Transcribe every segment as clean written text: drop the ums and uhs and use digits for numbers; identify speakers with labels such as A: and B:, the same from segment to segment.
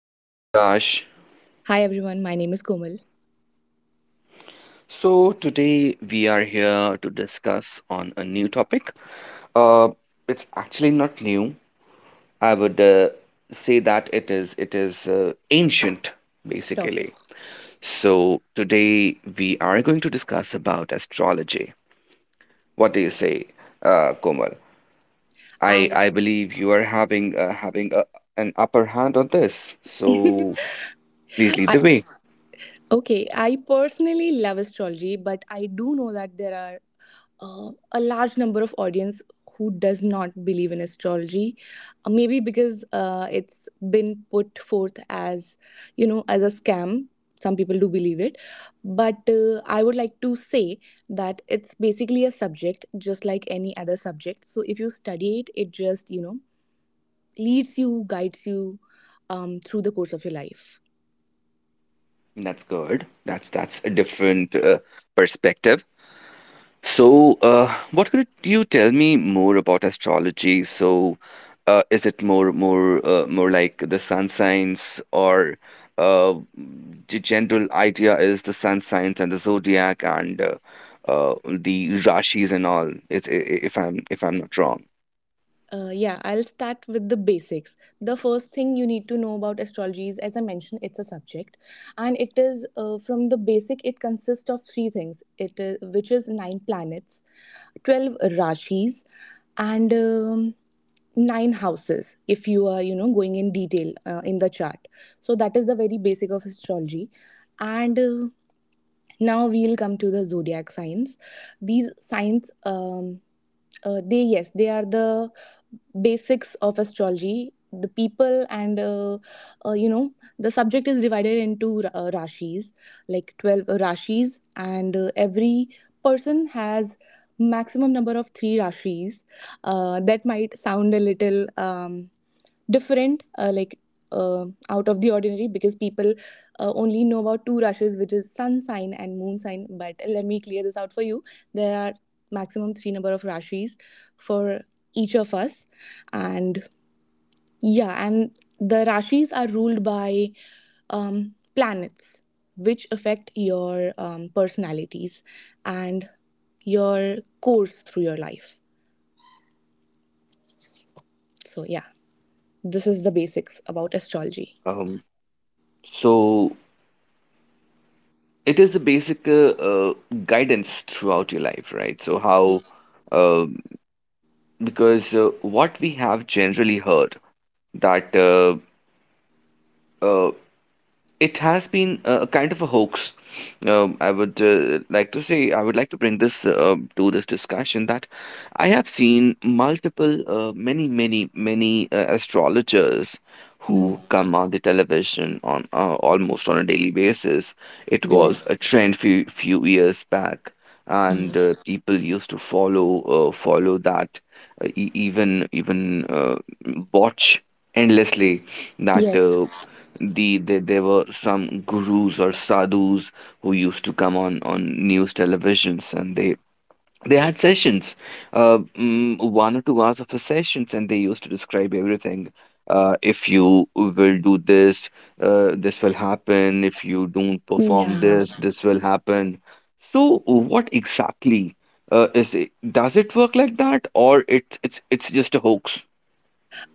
A: My name is Akash.
B: Hi everyone, my name is Komal.
A: So today we are here to discuss on a new topic. Uh, it's actually not new. I would say that it is ancient
B: Topic.
A: basically. So today we are going to discuss about astrology. What do you say, Komal? I
B: I,
A: I believe you are having an upper hand on this. So please lead
B: I
A: the way.
B: okay. I personally love astrology, but I do know that there are a large number of audience who does not believe in astrology. Maybe because it's been put forth as you know as a scam. Some people do believe it, but I would like to say that it's basically a subject just like any other subject. So if you study it, it just you know leads you, guides you through the course of your life.
A: That's good. That's a different perspective. So, what could you tell me more about astrology? So, is it more like the sun signs, or uh, the general idea is the sun signs and the zodiac and the rashis and all? It's, if I'm not wrong.
B: Yeah, I'll start with the basics. The first thing you need to know about astrology is, as I mentioned, it's a subject, and it is from the basic. It consists of three things. It is which is nine planets, 12 rashis, and nine houses. If you are you know going in detail in the chart, so that is the very basic of astrology, and. Now we'll come to the zodiac signs these signs they yes, they are the basics of astrology. The people and you know the subject is divided into rashis, like 12 rashis, and every person has maximum number of three rashis. That might sound a little. Different like out of the ordinary because people only know about two rashis, which is sun sign and moon sign, but let me clear this out for you. There are maximum three number of rashis for each of us, and the rashis are ruled by planets which affect your personalities and your course through your life. So yeah, this is the basics about astrology.
A: Um, so it is a basic guidance throughout your life, right? So how? uh, because what we have generally heard that uh, it has been a kind of a hoax. I would like to say, I would like to bring this to this discussion that I have seen multiple, many, many, many astrologers
B: Mhm.
A: who come on the television on almost on a daily basis. It was a
B: Yes.
A: trend few years back, and
B: Yes.
A: people used to follow that, e- even even uh, watch endlessly that there were some gurus or sadhus who used to come on news televisions, and they had sessions, 1 or 2 hours of a sessions, and they used to describe everything. If you will do this, this will happen. If you don't perform
B: Yeah.
A: this will happen. So what exactly is it does it work like that, or it's just a hoax?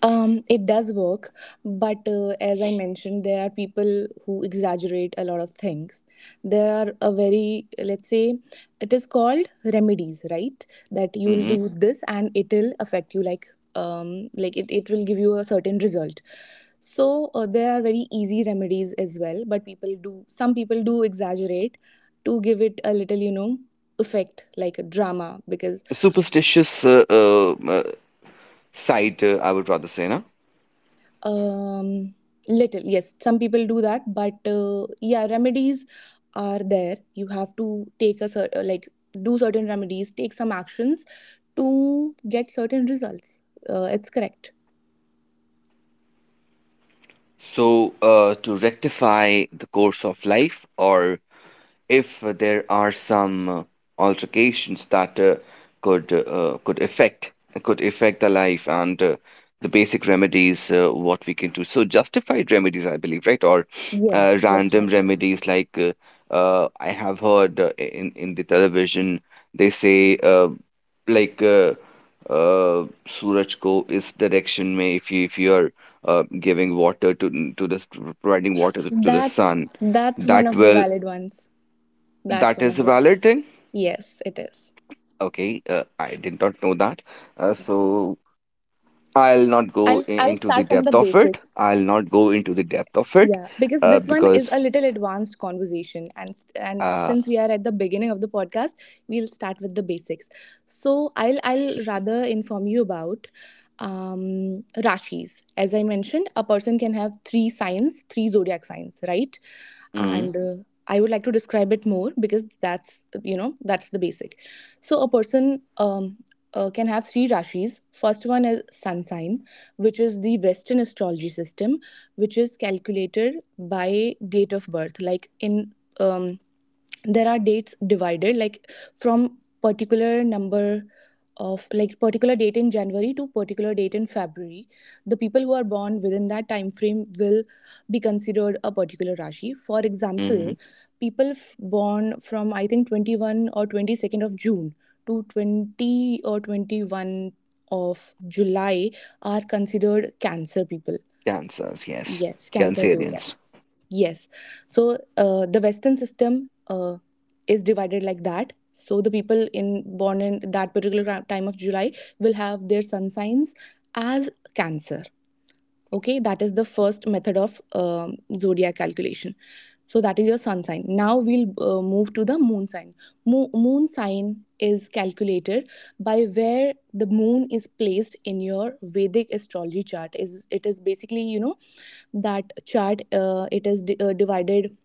B: It does work, but as I mentioned, there are people who exaggerate a lot of things. There are a very, let's say, it is called remedies, right? That you will
A: Hmm,
B: do this and it'll affect you, like it will give you a certain result. So there are very easy remedies as well, but some people do exaggerate to give it a little, you know, effect like a drama because
A: superstitious uh, site. I would rather say, na?
B: um little yes some people do that, but yeah, remedies are there. You have to take a certain, like, do certain remedies, take some actions to get certain results. It's correct.
A: So, to rectify the course of life, or if there are some altercations that could uh, could affect could affect the life, and the basic remedies, what we can do. So, justified remedies, I believe, right? Or
B: Yes, just
A: random
B: right.
A: remedies, like I have heard in the television, they say like uh, "Suraj ko is direction mein." If you are giving water providing water to the
B: that's
A: sun,
B: that's one
A: that
B: of the
A: will,
B: valid ones. That's
A: that
B: one
A: is
B: of
A: a
B: them.
A: valid thing.
B: Yes, it is.
A: Okay, I did not know that. So I'll not go
B: i'll
A: I-
B: i'll
A: into the
B: start from the
A: depth of it.
B: basics.
A: I'll not go into the depth of it.
B: Yeah, because this one is a
A: Because
B: little advanced conversation, and
A: uh
B: since we are at the beginning of the podcast, we'll start with the basics. So I'll rather inform you about rashis. As I mentioned, a person can have three signs, three zodiac signs, right?
A: mm,
B: And I would like to describe it more because that's you know that's the basic. So a person can have three rashis. First one is sun sign, which is the western astrology system, which is calculated by date of birth, like in um, there are dates divided like from particular number of, like, particular date in January to particular date in February. The people who are born within that time frame will be considered a particular rashi. For
A: mm,
B: example, people born from I think 21 or 22nd of June to 20 or 21 of July are considered cancer people.
A: cancers, yes.
B: Yes, cancer zodiac.
A: Cancerians.
B: Yes. So the Western system is divided like that. So the people in born in that particular time of July will have their sun signs as Cancer. Okay, that is the first method of zodiac calculation. So that is your sun sign. Now we'll move to the moon sign. Moon sign is calculated by where the moon is placed in your Vedic astrology chart. Is it is basically you know that chart, it is divided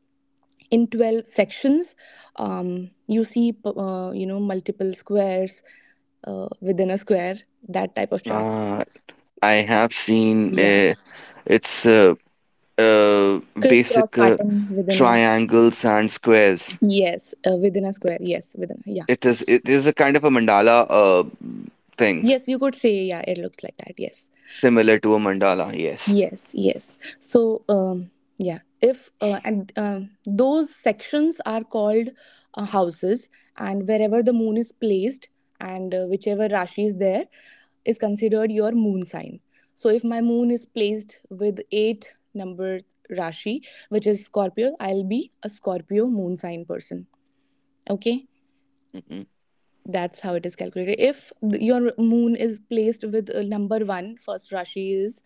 B: in 12 sections. You see you know multiple squares within a square, that type of chart.
A: uh, I have seen.
B: Yeah,
A: It's uh,
B: crisscross
A: Basic
B: pattern within a,
A: triangles and squares.
B: yes within a square, yes within a, yeah.
A: It is a kind of a mandala thing,
B: Yes, you could say, yeah, it looks like that. Yes,
A: similar to a mandala, yes.
B: yes yes. So yeah, if and those sections are called houses, and wherever the moon is placed and whichever rashi is there is considered your moon sign. So if my moon is placed with 8 number Rashi, which is Scorpio, I'll be a Scorpio moon sign person. Okay,
A: Hmm.
B: that's how it is calculated. If your moon is placed with number one, first Rashi is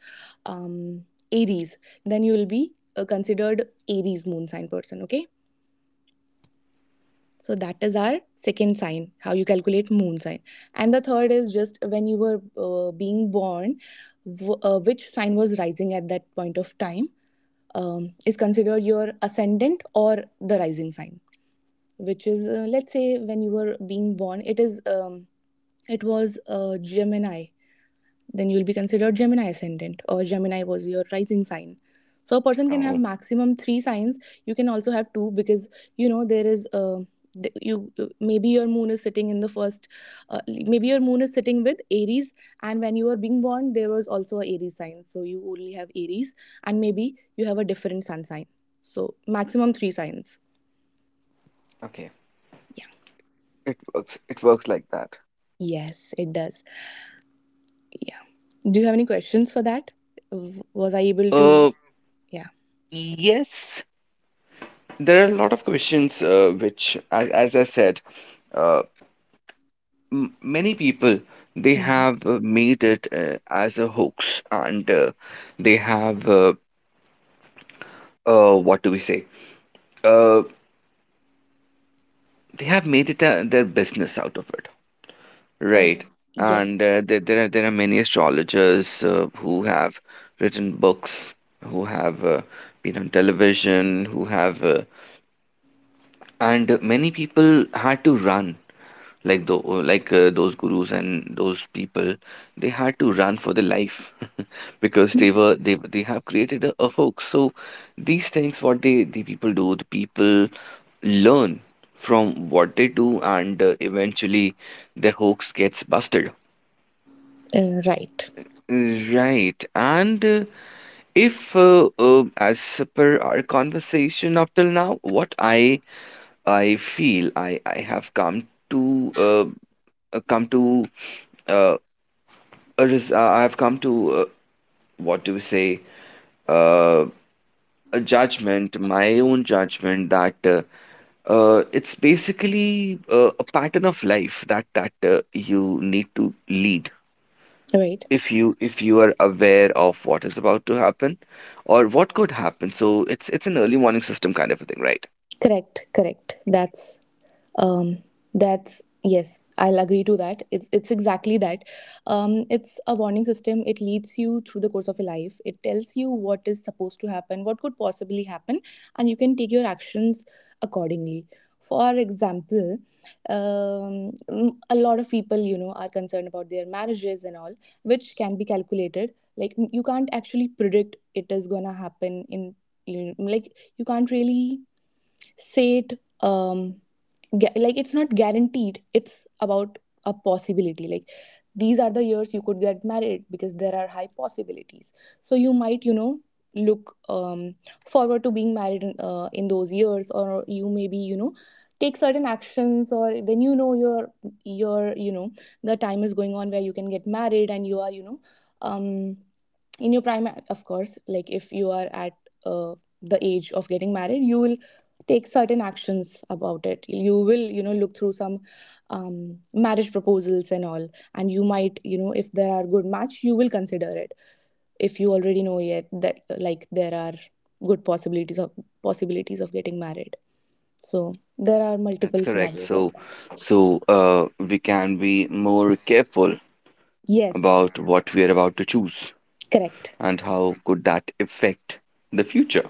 B: um, Aries, then you will be considered Aries moon sign person. Okay. So that is our second sign, how you calculate moon sign. And the third is just when you were being born, which sign was rising at that point of time is considered your ascendant or the rising sign, which is, let's say when you were being born, it is it was Gemini, then you'll be considered Gemini ascendant, or Gemini was your rising sign. So a person can have
A: Oh,
B: maximum three signs. You can also have two because you know there is you maybe your moon is sitting in the first, maybe your moon is sitting with Aries, and when you were being born there was also a Aries sign. So you only have Aries, and maybe you have a different sun sign. So maximum three signs.
A: okay.
B: Yeah.
A: It works like that.
B: Yes, it does. Yeah. Do you have any questions for that? Was I able to?
A: Uh
B: Yeah.
A: yes, there are a lot of questions which, as I said, uh m many people, they
B: Mhm.
A: have made it as a hoax, and they have what do we say? Uh they have made it their business out of it.
B: Uh,
A: Right. And
B: yes.
A: there are many astrologers who have written books, who have been on television, who have and many people had to run, like the like those gurus and those people, they had to run for their life because they were they have created a hoax. So these things what they the people do, the people learn from what they do, and eventually the hoax gets busted.
B: Right,
A: Right. And if, as per our conversation up till now, what I feel, I have come to come to uh, a res- I have come to, what do we say, uh, a judgment, my own judgment, that it's basically a pattern of life that you need to lead,
B: right,
A: if you are aware of what is about to happen, or what could happen. So it's an early warning system kind of a thing, right?
B: correct, correct. Um, that's yes, I'll agree to that. It's exactly that. It's a warning system. It leads you through the course of your life. It tells you what is supposed to happen, what could possibly happen, and you can take your actions accordingly. For example, um, a lot of people you know are concerned about their marriages and all, which can be calculated. Like, you can't actually predict it is gonna happen in, you know, like you can't really say it, like it's not guaranteed, it's about a possibility. Like, these are the years you could get married because there are high possibilities, so you might you know look forward to being married in those years, or you maybe you know take certain actions, or when you know your you know the time is going on where you can get married and you are you know um in your prime, of course. Like if you are at uh, the age of getting married, you will take certain actions about it. You will you know look through some marriage proposals and all, and you might you know if there are good match you will consider it. If you already know yet that, like, there are good possibilities of getting married. So there are
A: That's
B: multiple
A: correct.
B: scenarios like
A: So
B: that.
A: so uh, we can be more careful about
B: Yes,
A: what we are about to choose,
B: correct.
A: and how could that affect the future,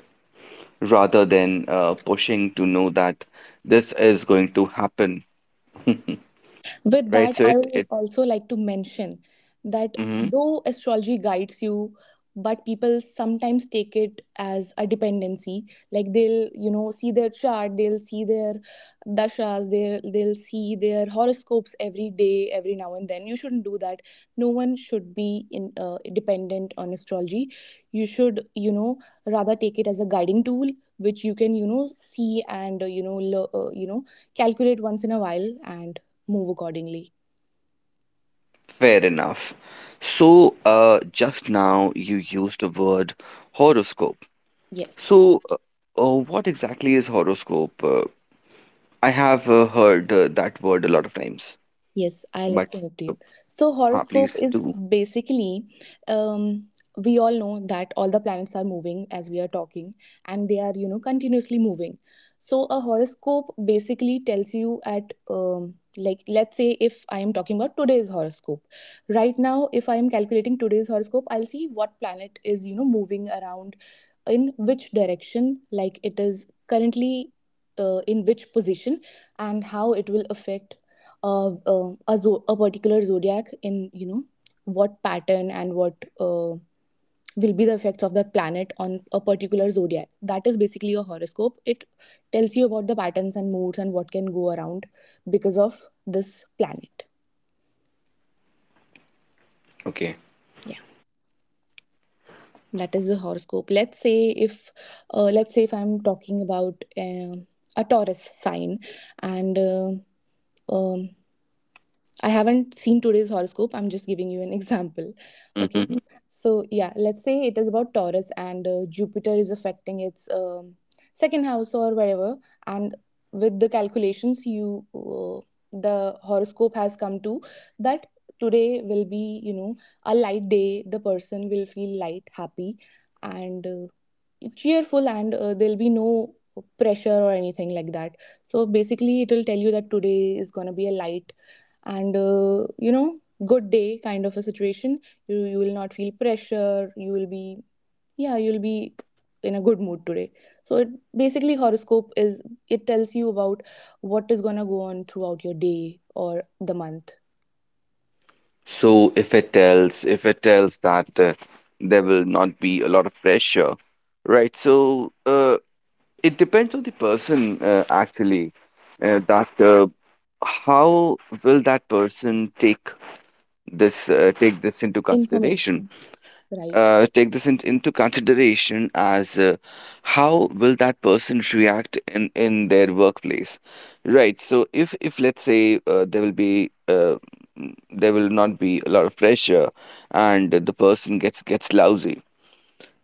A: rather than pushing to know that this is going to happen,
B: With
A: right?
B: that,
A: So
B: I
A: it
B: will
A: it
B: also like to mention that
A: Mhm.
B: though astrology guides you, but people sometimes take it as a dependency. Like, they'll, you know, see their chart, they'll see their dashas, they'll see their horoscopes every day, every now and then. You shouldn't do that. No one should be in dependent on astrology. You should, you know, rather take it as a guiding tool which you can, you know, see and you know, you know, calculate once in a while and move accordingly.
A: Fair enough. So, just now you used the word horoscope.
B: Yes.
A: So, what exactly is horoscope? I have heard that word a lot of times,
B: Yes, I'll
A: but
B: explain it to you. So,
A: huh, please
B: horoscope
A: do.
B: is basically, um, we all know that all the planets are moving as we are talking, and they are, you know, continuously moving. So, a horoscope basically tells you at, like, let's say if I am talking about today's horoscope. Right now, if I am calculating today's horoscope, I'll see what planet is, you know, moving around in which direction, like, it is currently in which position, and how it will affect a particular zodiac in, you know, what pattern, and what will be the effects of that planet on a particular zodiac. That is basically a horoscope. It tells you about the patterns and moods and what can go around because of this planet.
A: Okay.
B: Yeah, that is the horoscope. Let's say if let's say if I'm talking about a Taurus sign and um, I haven't seen today's horoscope. I'm just giving you an example. Okay.
A: Hmm.
B: So, yeah, let's say it is about Taurus and Jupiter is affecting its second house or whatever. And with the calculations, you the horoscope has come to that today will be, you know, a light day. The person will feel light, happy, and cheerful, and there'll be no pressure or anything like that. So, basically, it will tell you that today is going to be a light and good day kind of a situation. You will not feel pressure, you will be, yeah, you'll be in a good mood today. So it basically, horoscope is it tells you about what is going to go on throughout your day or the month.
A: So, if it tells that there will not be a lot of pressure, right? So, it depends on the person, actually. That How will that person take this into consideration,
B: Information. Right.
A: into consideration? As how will that person react in their workplace? Right, so if let's say, there will not be a lot of pressure, and the person gets lousy.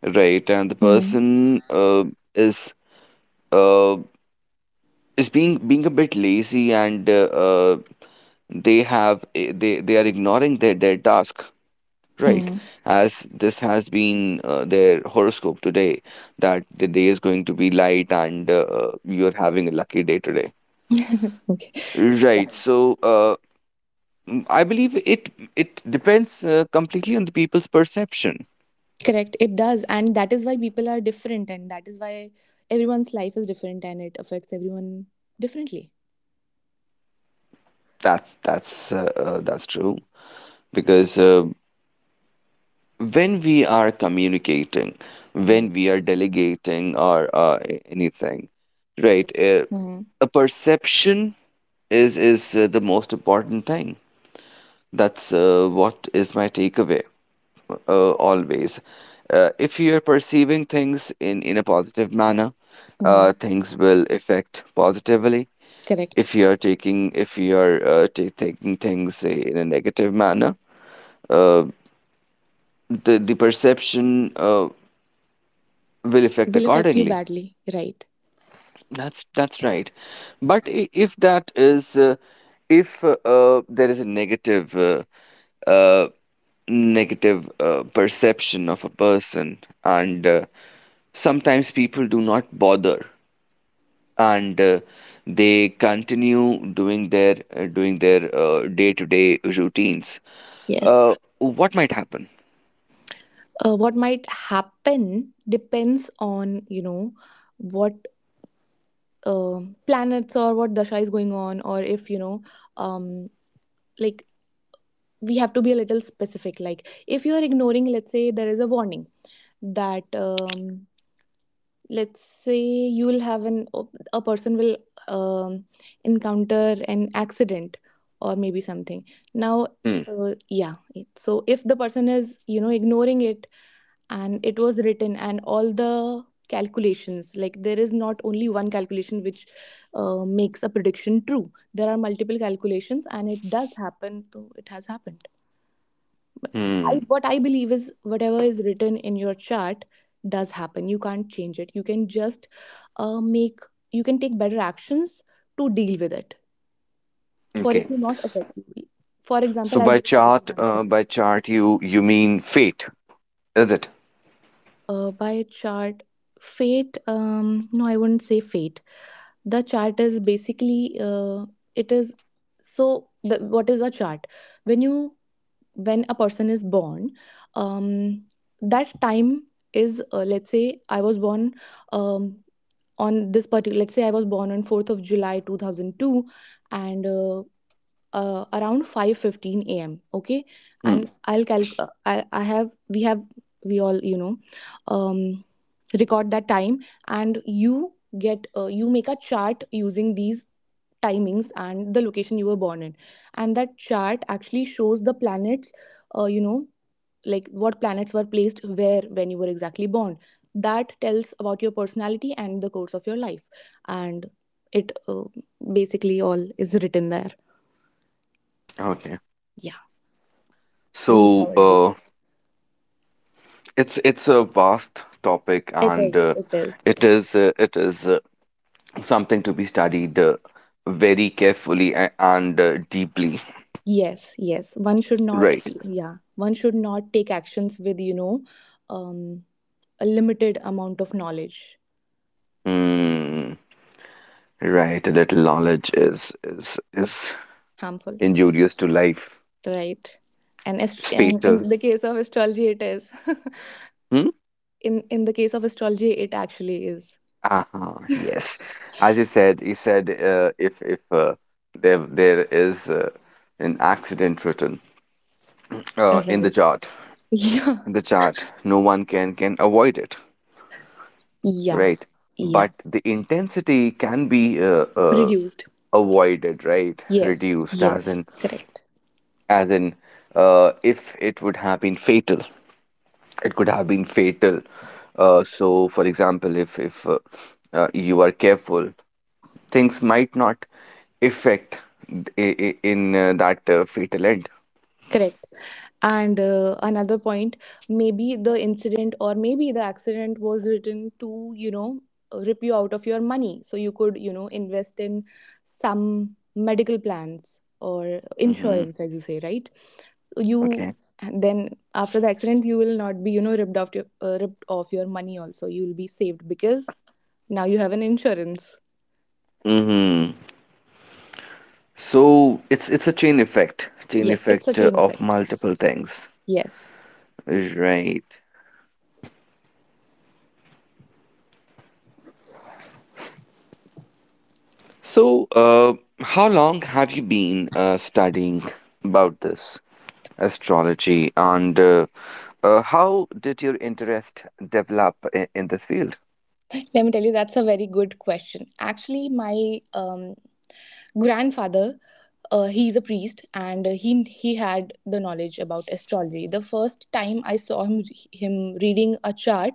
A: Right, and the
B: Hmm.
A: person is uh, is being a bit lazy, and they have eh, they are ignoring their task. Right,
B: Hmm.
A: as this has been their horoscope today, that the day is going to be light, and you're having a lucky day today.
B: Okay.
A: Right, so I believe it depends, completely on the people's perception.
B: Correct, it does, and that is why people are different, and that is why everyone's life is different and it affects everyone differently.
A: That's true, because when we are communicating, when we
B: Hmm.
A: are delegating, or anything, right,
B: Hmm.
A: a perception is the most important thing. That's what is my takeaway, always. If you're perceiving things in a positive manner,
B: Hmm.
A: things will affect positively.
B: Correct.
A: If you're taking if you're ta taking things, say, in a negative manner, uh, the perception will affect
B: Will affect you
A: accordingly.
B: badly, right?
A: That's right. But if there is a uh, negative perception of a person, and sometimes people do not bother, and they continue doing their day-to-day routines.
B: Yes.
A: What might happen?
B: What might happen depends on, you know, what planets or what dasha is going on, or if you know. um, like, we have to be a little specific, like if you are ignoring, let's say there is a warning that, let's say you will have an a person will, um, encounter an accident or maybe something now.
A: Hmm.
B: Yeah, so if the person is, you know, ignoring it, and it was written, and all the calculations, like there is not only one calculation which makes a prediction true, there are multiple calculations, and it does happen, so it has happened. But I,
A: Hmm.
B: what I believe is, whatever is written in your chart does happen. You can't change it, you can just make... you can take better actions to deal with it, for it
A: Okay.
B: to not affect you. For example,
A: So by
B: I'll give a better
A: chart,
B: example also.
A: you mean fate, is it?
B: By chart, fate, no, I wouldn't say fate. The chart is basically, it is. So the, what is a chart, when you, when a person is born, um, that time is, let's say I was born, um, on this particular, let's say I was born on 4th of July 2002, and around 5:15 a.m. Okay,
A: Hmm.
B: and I'll calc. I have, we have, we all, you know, um, record that time, and you get, you make a chart using these timings and the location you were born in, and that chart actually shows the planets, uh, you know like what planets were placed where when you were exactly born. That tells about your personality and the course of your life. And it, basically all is written there.
A: Okay.
B: Yeah, this is how
A: So,
B: it goes.
A: it's a vast topic,
B: It
A: and
B: is, it is.
A: it is something to be studied, very carefully, and deeply.
B: Yes, yes, one should not.
A: Right.
B: Yeah, one should not take actions with, you know, um, a limited amount of knowledge.
A: Mm, right. A little knowledge is
B: Harmful.
A: injurious to life.
B: Right.
A: It's
B: And in
A: fatal.
B: the case of astrology, it is.
A: Hmm?
B: In the case of astrology, it actually is.
A: Uh-huh, yes. As you said, you said, if there is an accident written uh, in the
B: Right.
A: chart,
B: Yeah.
A: in the chart, no one can avoid it,
B: Yeah.
A: right?
B: Yeah.
A: But the intensity can be
B: Reduced.
A: avoided, right?
B: Yes,
A: Reduced, as in,
B: yes, correct.
A: as in, if it would have been fatal, it could have been fatal. So, for example, if you are careful, things might not affect in that fatal end.
B: Correct. And another point, maybe the incident or maybe the accident was written to, you know, rip you out of your money. So you could, you know, invest in some medical plans or
A: Hmm.
B: insurance, as you say, right? You,
A: Okay.
B: then after the accident, you will not be, you know, ripped off your, money. Also, you will be saved because now you have an insurance.
A: Hmm. So it's a chain
B: Yes, it's a
A: effect
B: chain
A: of
B: effect.
A: multiple things,
B: Yes.
A: right? So, how long have you been studying about this astrology, and how did your interest develop in this field?
B: Let me tell you, that's a very good question. Actually, my, grandfather, he's a priest, and he had the knowledge about astrology. The first time I saw him reading a chart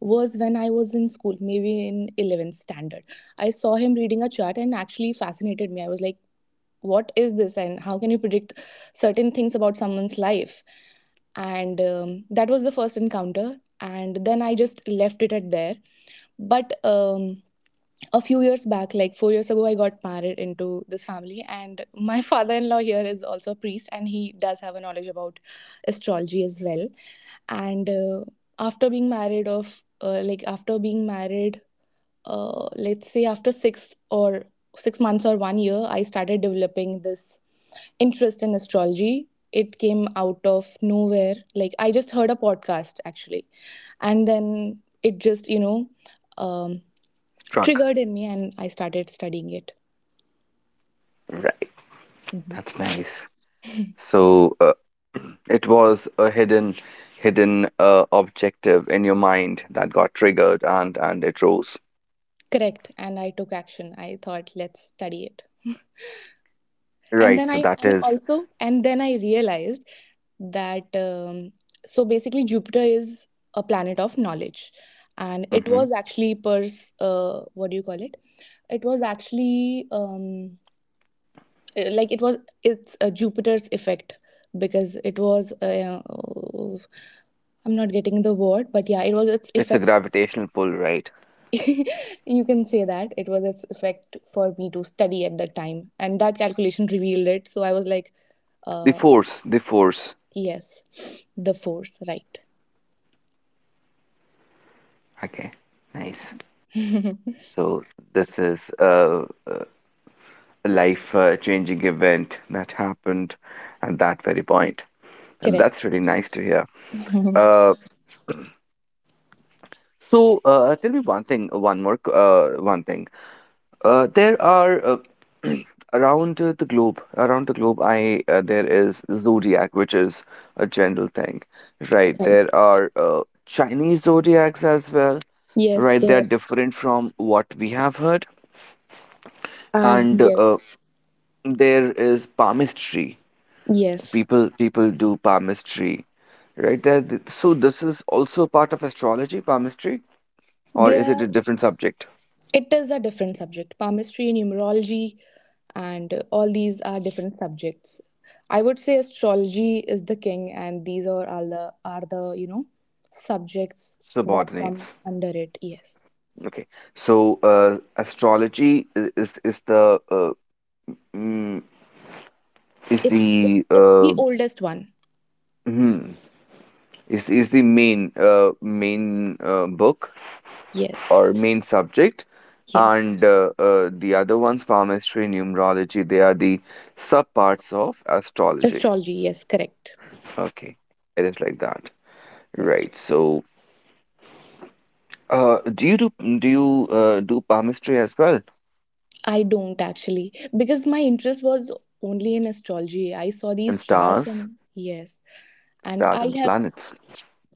B: was when I was in school, maybe in 11th standard. I saw him reading a chart, and actually fascinated me. I was like, what is this, and how can you predict certain things about someone's life? And that was the first encounter, and then I just left it at there. But, a few years back, like 4 years ago, I got married into this family, and my father in law here is also a priest, and he does have a knowledge about astrology as well. And after being married, of like after being married, let's say after six months or one year, I started developing this interest in astrology. It came out of nowhere. Like, I just heard a podcast, actually, and then it just, you know, um,
A: Struck.
B: triggered in me, and I started studying it.
A: Right. That's nice. So, it was a hidden, hidden objective in your mind that got triggered, and it rose.
B: Correct. And I took action. I thought, let's study it. And
A: Right.
B: then
A: So
B: I,
A: that
B: and
A: is-
B: also, and then I realized that, so basically, Jupiter is a planet of knowledge. And it
A: Mhm.
B: was actually, what do you call it? It was actually, like, it's Jupiter's effect, because it was, I'm not getting the word, but yeah, it was its
A: It's a
B: effect.
A: gravitational pull, right?
B: You can say that it was its effect for me to study at that time, and that calculation revealed it. So I was like,
A: The
B: uh
A: force. The force.
B: yes, the force, right.
A: Okay. Nice. So this is a life-changing event that happened at that very point. And that's
B: Correct.
A: really nice to hear. Uh, so tell me one thing, one more, one thing. There are around the globe, I there is zodiac, which is a general thing, right?
B: Right.
A: There are Chinese zodiacs as well,
B: Yes,
A: right? They're
B: there.
A: different from what we have heard,
B: I,
A: and
B: yes,
A: there is palmistry.
B: yes.
A: People do palmistry, right? So this is also part of astrology, palmistry, or is it
B: There.
A: a different subject?
B: It is a different subject. Palmistry, numerology, and all these are different subjects. I would say astrology is the king, and these are all the, are the, subjects that come
A: Subordinates.
B: under it. Yes.
A: Okay. So astrology I- is the mm, is
B: It's
A: the
B: it's it's the oldest one.
A: hmm, is the main main book
B: Yes.
A: or main subject, and
B: Yes.
A: the other ones, palmistry, numerology, they are the sub parts of astrology.
B: Astrology, yes, correct.
A: Okay, it is like that. Right.
B: Correct.
A: So, uh, do you do do you do palmistry as well?
B: I don't, actually, because my interest was only in astrology. I saw these
A: In
B: charts,
A: stars,
B: and yes. And
A: stars
B: I
A: and the
B: have,
A: planets.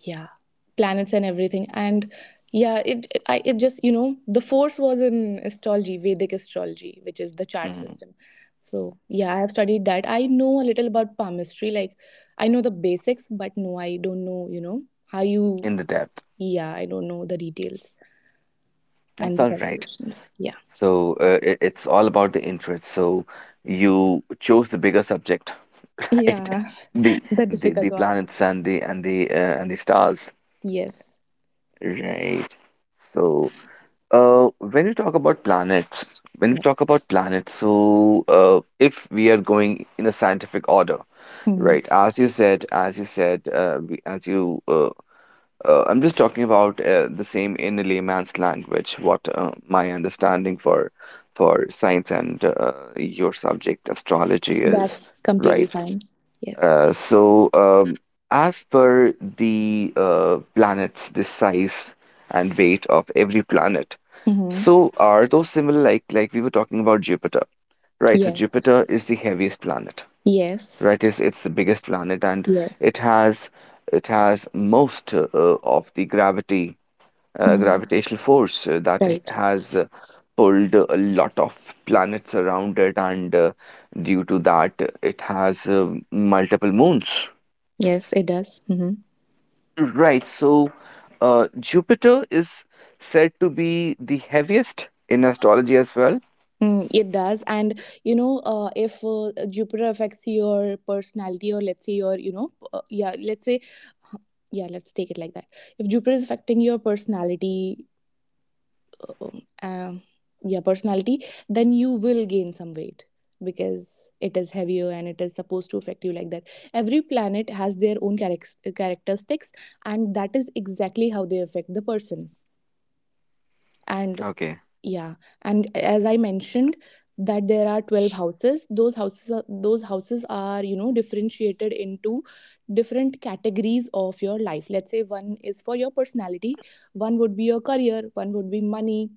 B: yeah, planets and everything, and yeah, it just, you know, the force was in astrology, Vedic astrology, which is the chart
A: Mm,
B: system. So, yeah, I have studied that. I know a little about palmistry, like I know the basics, but no, I don't know, you know, how you.
A: in the depth?
B: Yeah, I don't know the details
A: That's
B: and the
A: all right.
B: calculations. Yeah.
A: So it's all about the interest. So you chose the bigger subject, right?
B: Yeah,
A: The
B: the
A: the
B: difficult
A: the
B: one.
A: planets and the and the and the stars,
B: Yes.
A: right? So when you talk about planets,
B: Yes.
A: so if we are going in a scientific order.
B: Hmm.
A: Right, as you said, we- as you, I'm just talking about the same in a layman's language, what my understanding for science and your subject astrology is,
B: That's completely
A: right?
B: fine. Yes.
A: Uh, so, um, as per the planets, the size and weight of every planet,
B: Hmm.
A: so are those similar? Like we were talking about Jupiter, right? So
B: Yes.
A: Jupiter is the heaviest planet,
B: Yes.
A: right? is it's the biggest planet, and
B: Yes.
A: it has it has most of the gravity,
B: Hmm.
A: gravitational force that
B: Right.
A: has pulled a lot of planets around it, and due to that it has multiple moons,
B: Yes, it does. Hmm.
A: right? So Jupiter is said to be the heaviest in astrology as well.
B: Mm, it does. And, you know, if Jupiter affects your personality, or let's say your, you know, yeah, let's say, huh, yeah, let's take it like that. If Jupiter is affecting your personality, um, yeah, personality, then you will gain some weight, because it is heavier, and it is supposed to affect you like that. Every planet has their own characteristics, and that is exactly how they affect the person, and
A: Okay,
B: yeah. And as I mentioned, that there are 12 houses, those houses are, you know, differentiated into different categories of your life. Let's say one is for your personality, one would be your career, one would be money,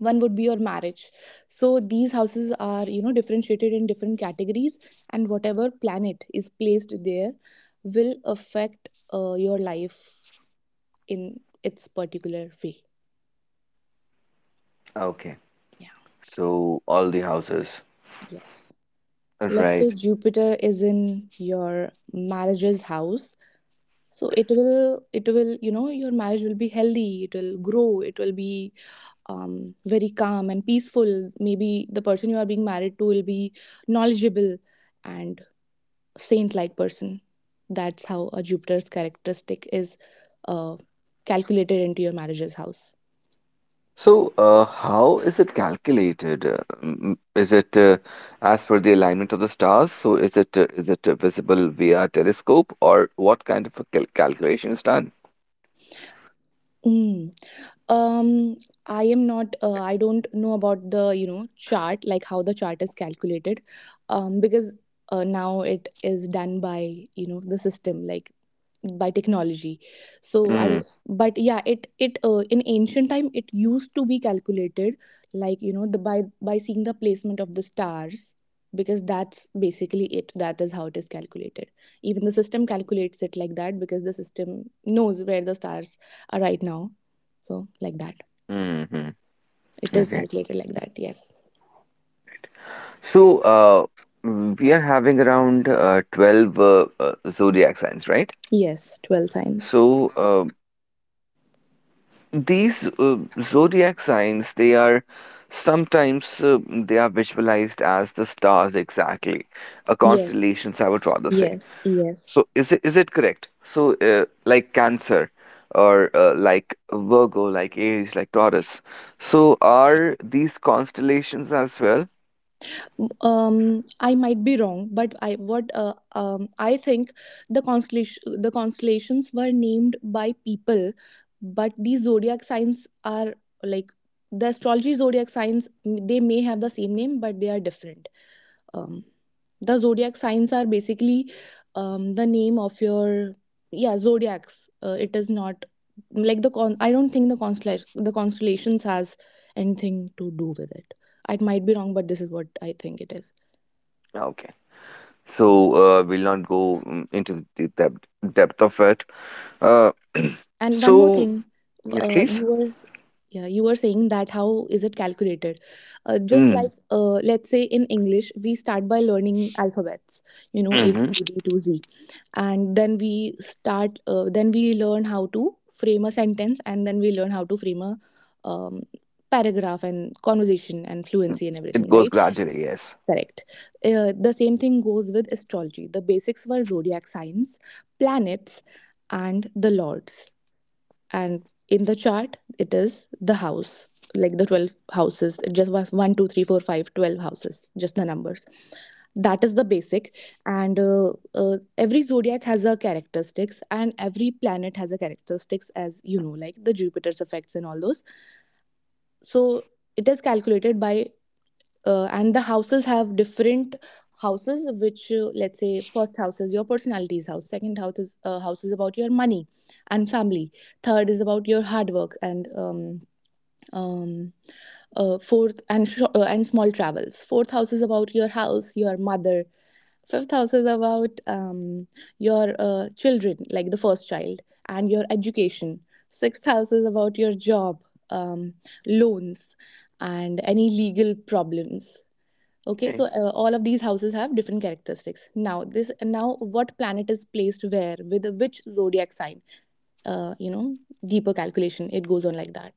B: one would be your marriage. So these houses are, you know, differentiated in different categories, and whatever planet is placed there will affect, your life in its particular way.
A: okay,
B: Yeah.
A: so all the houses,
B: Yes, let's say
A: right?
B: Jupiter is in your marriage's house, so it will you know, your marriage will be healthy, it will grow, it will be, very calm and peaceful. Maybe the person you are being married to will be knowledgeable and saint like person. That's how a Jupiter's characteristic is, uh, calculated into your manager's house.
A: So, how is it calculated? Is it as per the alignment of the stars? So, is it visible via telescope, or what kind of a calculation is done?
B: Mm. Um, I am not. I don't know about the, you know, chart, like how the chart is calculated, because, now it is done by, you know, the system, like by technology. So I don't. But yeah, it, in ancient time it used to be calculated, like, you know, the, by seeing the placement of the stars, because that's basically it, that is how it is calculated. Even the system calculates it like that, because the system knows where the stars are right now, so, like that.
A: Mm-hmm.
B: It is
A: Okay.
B: calculated like that, yes.
A: So, we are having around 12 zodiac signs, right?
B: Yes, 12 signs.
A: So, these zodiac signs, they are sometimes they are visualized as the stars exactly,
B: Yes.
A: constellations, I would rather say.
B: Yes, yes.
A: So is it correct? So like Cancer, or like Virgo, like Aries, like Taurus. So are these constellations as well?
B: um I might be wrong, but I what, I think the constellations were named by people, but these zodiac signs are, like, the astrology zodiac signs, they may have the same name, but they are different. um, the zodiac signs are basically, the name of your, yeah, zodiacs, it is not like the con, I don't think the constellations has anything to do with it. I might be wrong, but this is what I think it is.
A: Okay. So we'll not go into the depth of it. Uh,
B: And one more
A: so
B: thing,
A: yes, please.
B: you were, yeah, you were saying that how is it calculated. Just
A: Mm.
B: like, let's say in English we start by learning alphabets, you know, A B
A: hmm
B: C D to Z, and then we start, then we learn how to frame a sentence, and then we learn how to frame a, um, paragraph and conversation and fluency and
A: It
B: everything,
A: goes
B: right?
A: gradually. Yes.
B: Correct. The same thing goes with astrology. The basics were zodiac signs, planets, and the lords, and in the chart it is the house, like the 12 houses, just one, 1, 2, 3, 4, 5, 12 houses, just the numbers. That is the basic. And, every zodiac has a characteristics, and every planet has a characteristics, as you know, like the Jupiter's effects and all those. So it is calculated by, and the houses have different houses, which, let's say first house is your personality's house, second house is, house is about your money and family, third is about your hard work and, um, fourth and sho and small travels, fourth house is about your house, your mother, fifth house is about, your, children, like the first child, and your education, sixth house is about your job, um, loans, and any legal problems. Okay, so,
A: Okay.
B: all of these houses have different characteristics. Now this, now what planet is placed where with which zodiac sign, you know, deeper calculation, it goes on like that.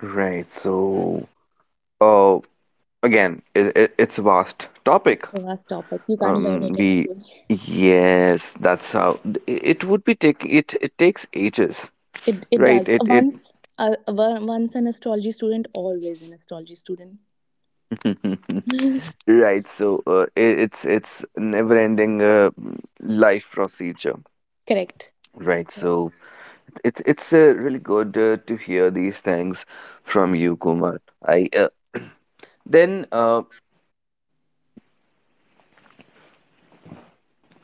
A: Right. So uh, again, it's a vast topic.
B: It's a vast topic, you can't learn it in a
A: We
B: day.
A: yes, that's how it it would be, it takes ages,
B: It
A: right?
B: does,
A: It
B: once, once an astrology student, always an astrology student.
A: right. So it, it's never ending life procedure,
B: Correct.
A: right? So it's really good to hear these things from you, Kumar. I then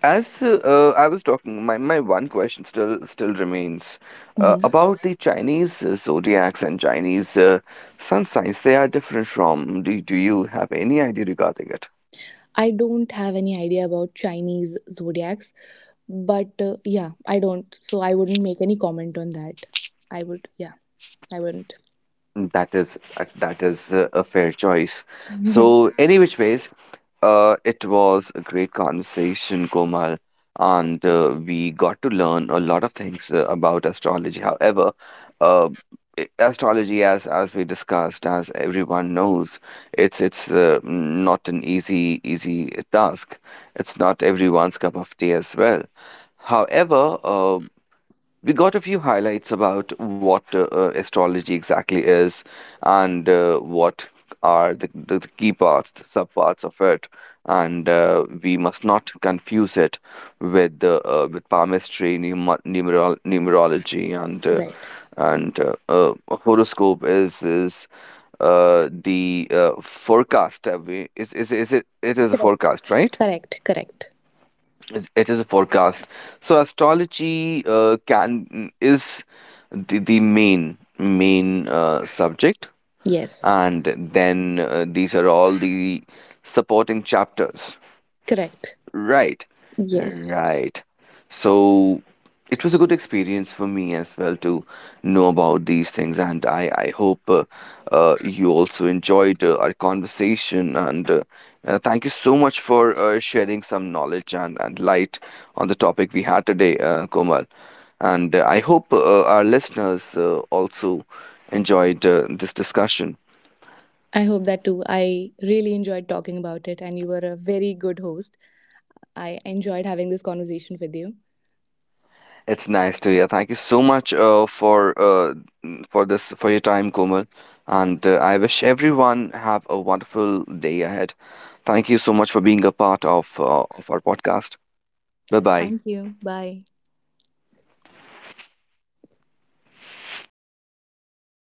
A: As I was talking, my one question still remains
B: Mhm.
A: about the Chinese zodiacs and Chinese sun signs. They are different from. Do you have any idea regarding it?
B: I don't have any idea about Chinese zodiacs, but, yeah, I don't. So I wouldn't make any comment on that. I would, yeah, I wouldn't.
A: That is a fair choice. So, any which ways, it was a great conversation, Komal, and we got to learn a lot of things about astrology. However, uh, astrology, as we discussed, as everyone knows, it's not an easy task. It's not everyone's cup of tea as well. However, we got a few highlights about what astrology exactly is, and what are the key parts, the subparts of it, and we must not confuse it with the with palmistry, numerology, and uh,
B: Right.
A: and uh, uh, horoscope is the forecast. Is it? It is a
B: Correct.
A: forecast, right?
B: Correct, correct.
A: It is a forecast. So astrology can is the main subject,
B: Yes,
A: and then these are all the supporting chapters.
B: correct.
A: Right,
B: Yes.
A: right. So it was a good experience for me as well to know about these things, and I hope you also enjoyed our conversation. And thank you so much for sharing some knowledge and light on the topic we had today, Komal. And I hope our listeners also enjoyed this discussion.
B: I hope that too. I really enjoyed talking about it, and you were a very good host. I enjoyed having this conversation with you.
A: It's nice to hear. Thank you so much for this for your time, Komal. And I wish everyone have a wonderful day ahead. Thank you so much for being a part of our podcast. Bye bye.
B: Thank you. Bye.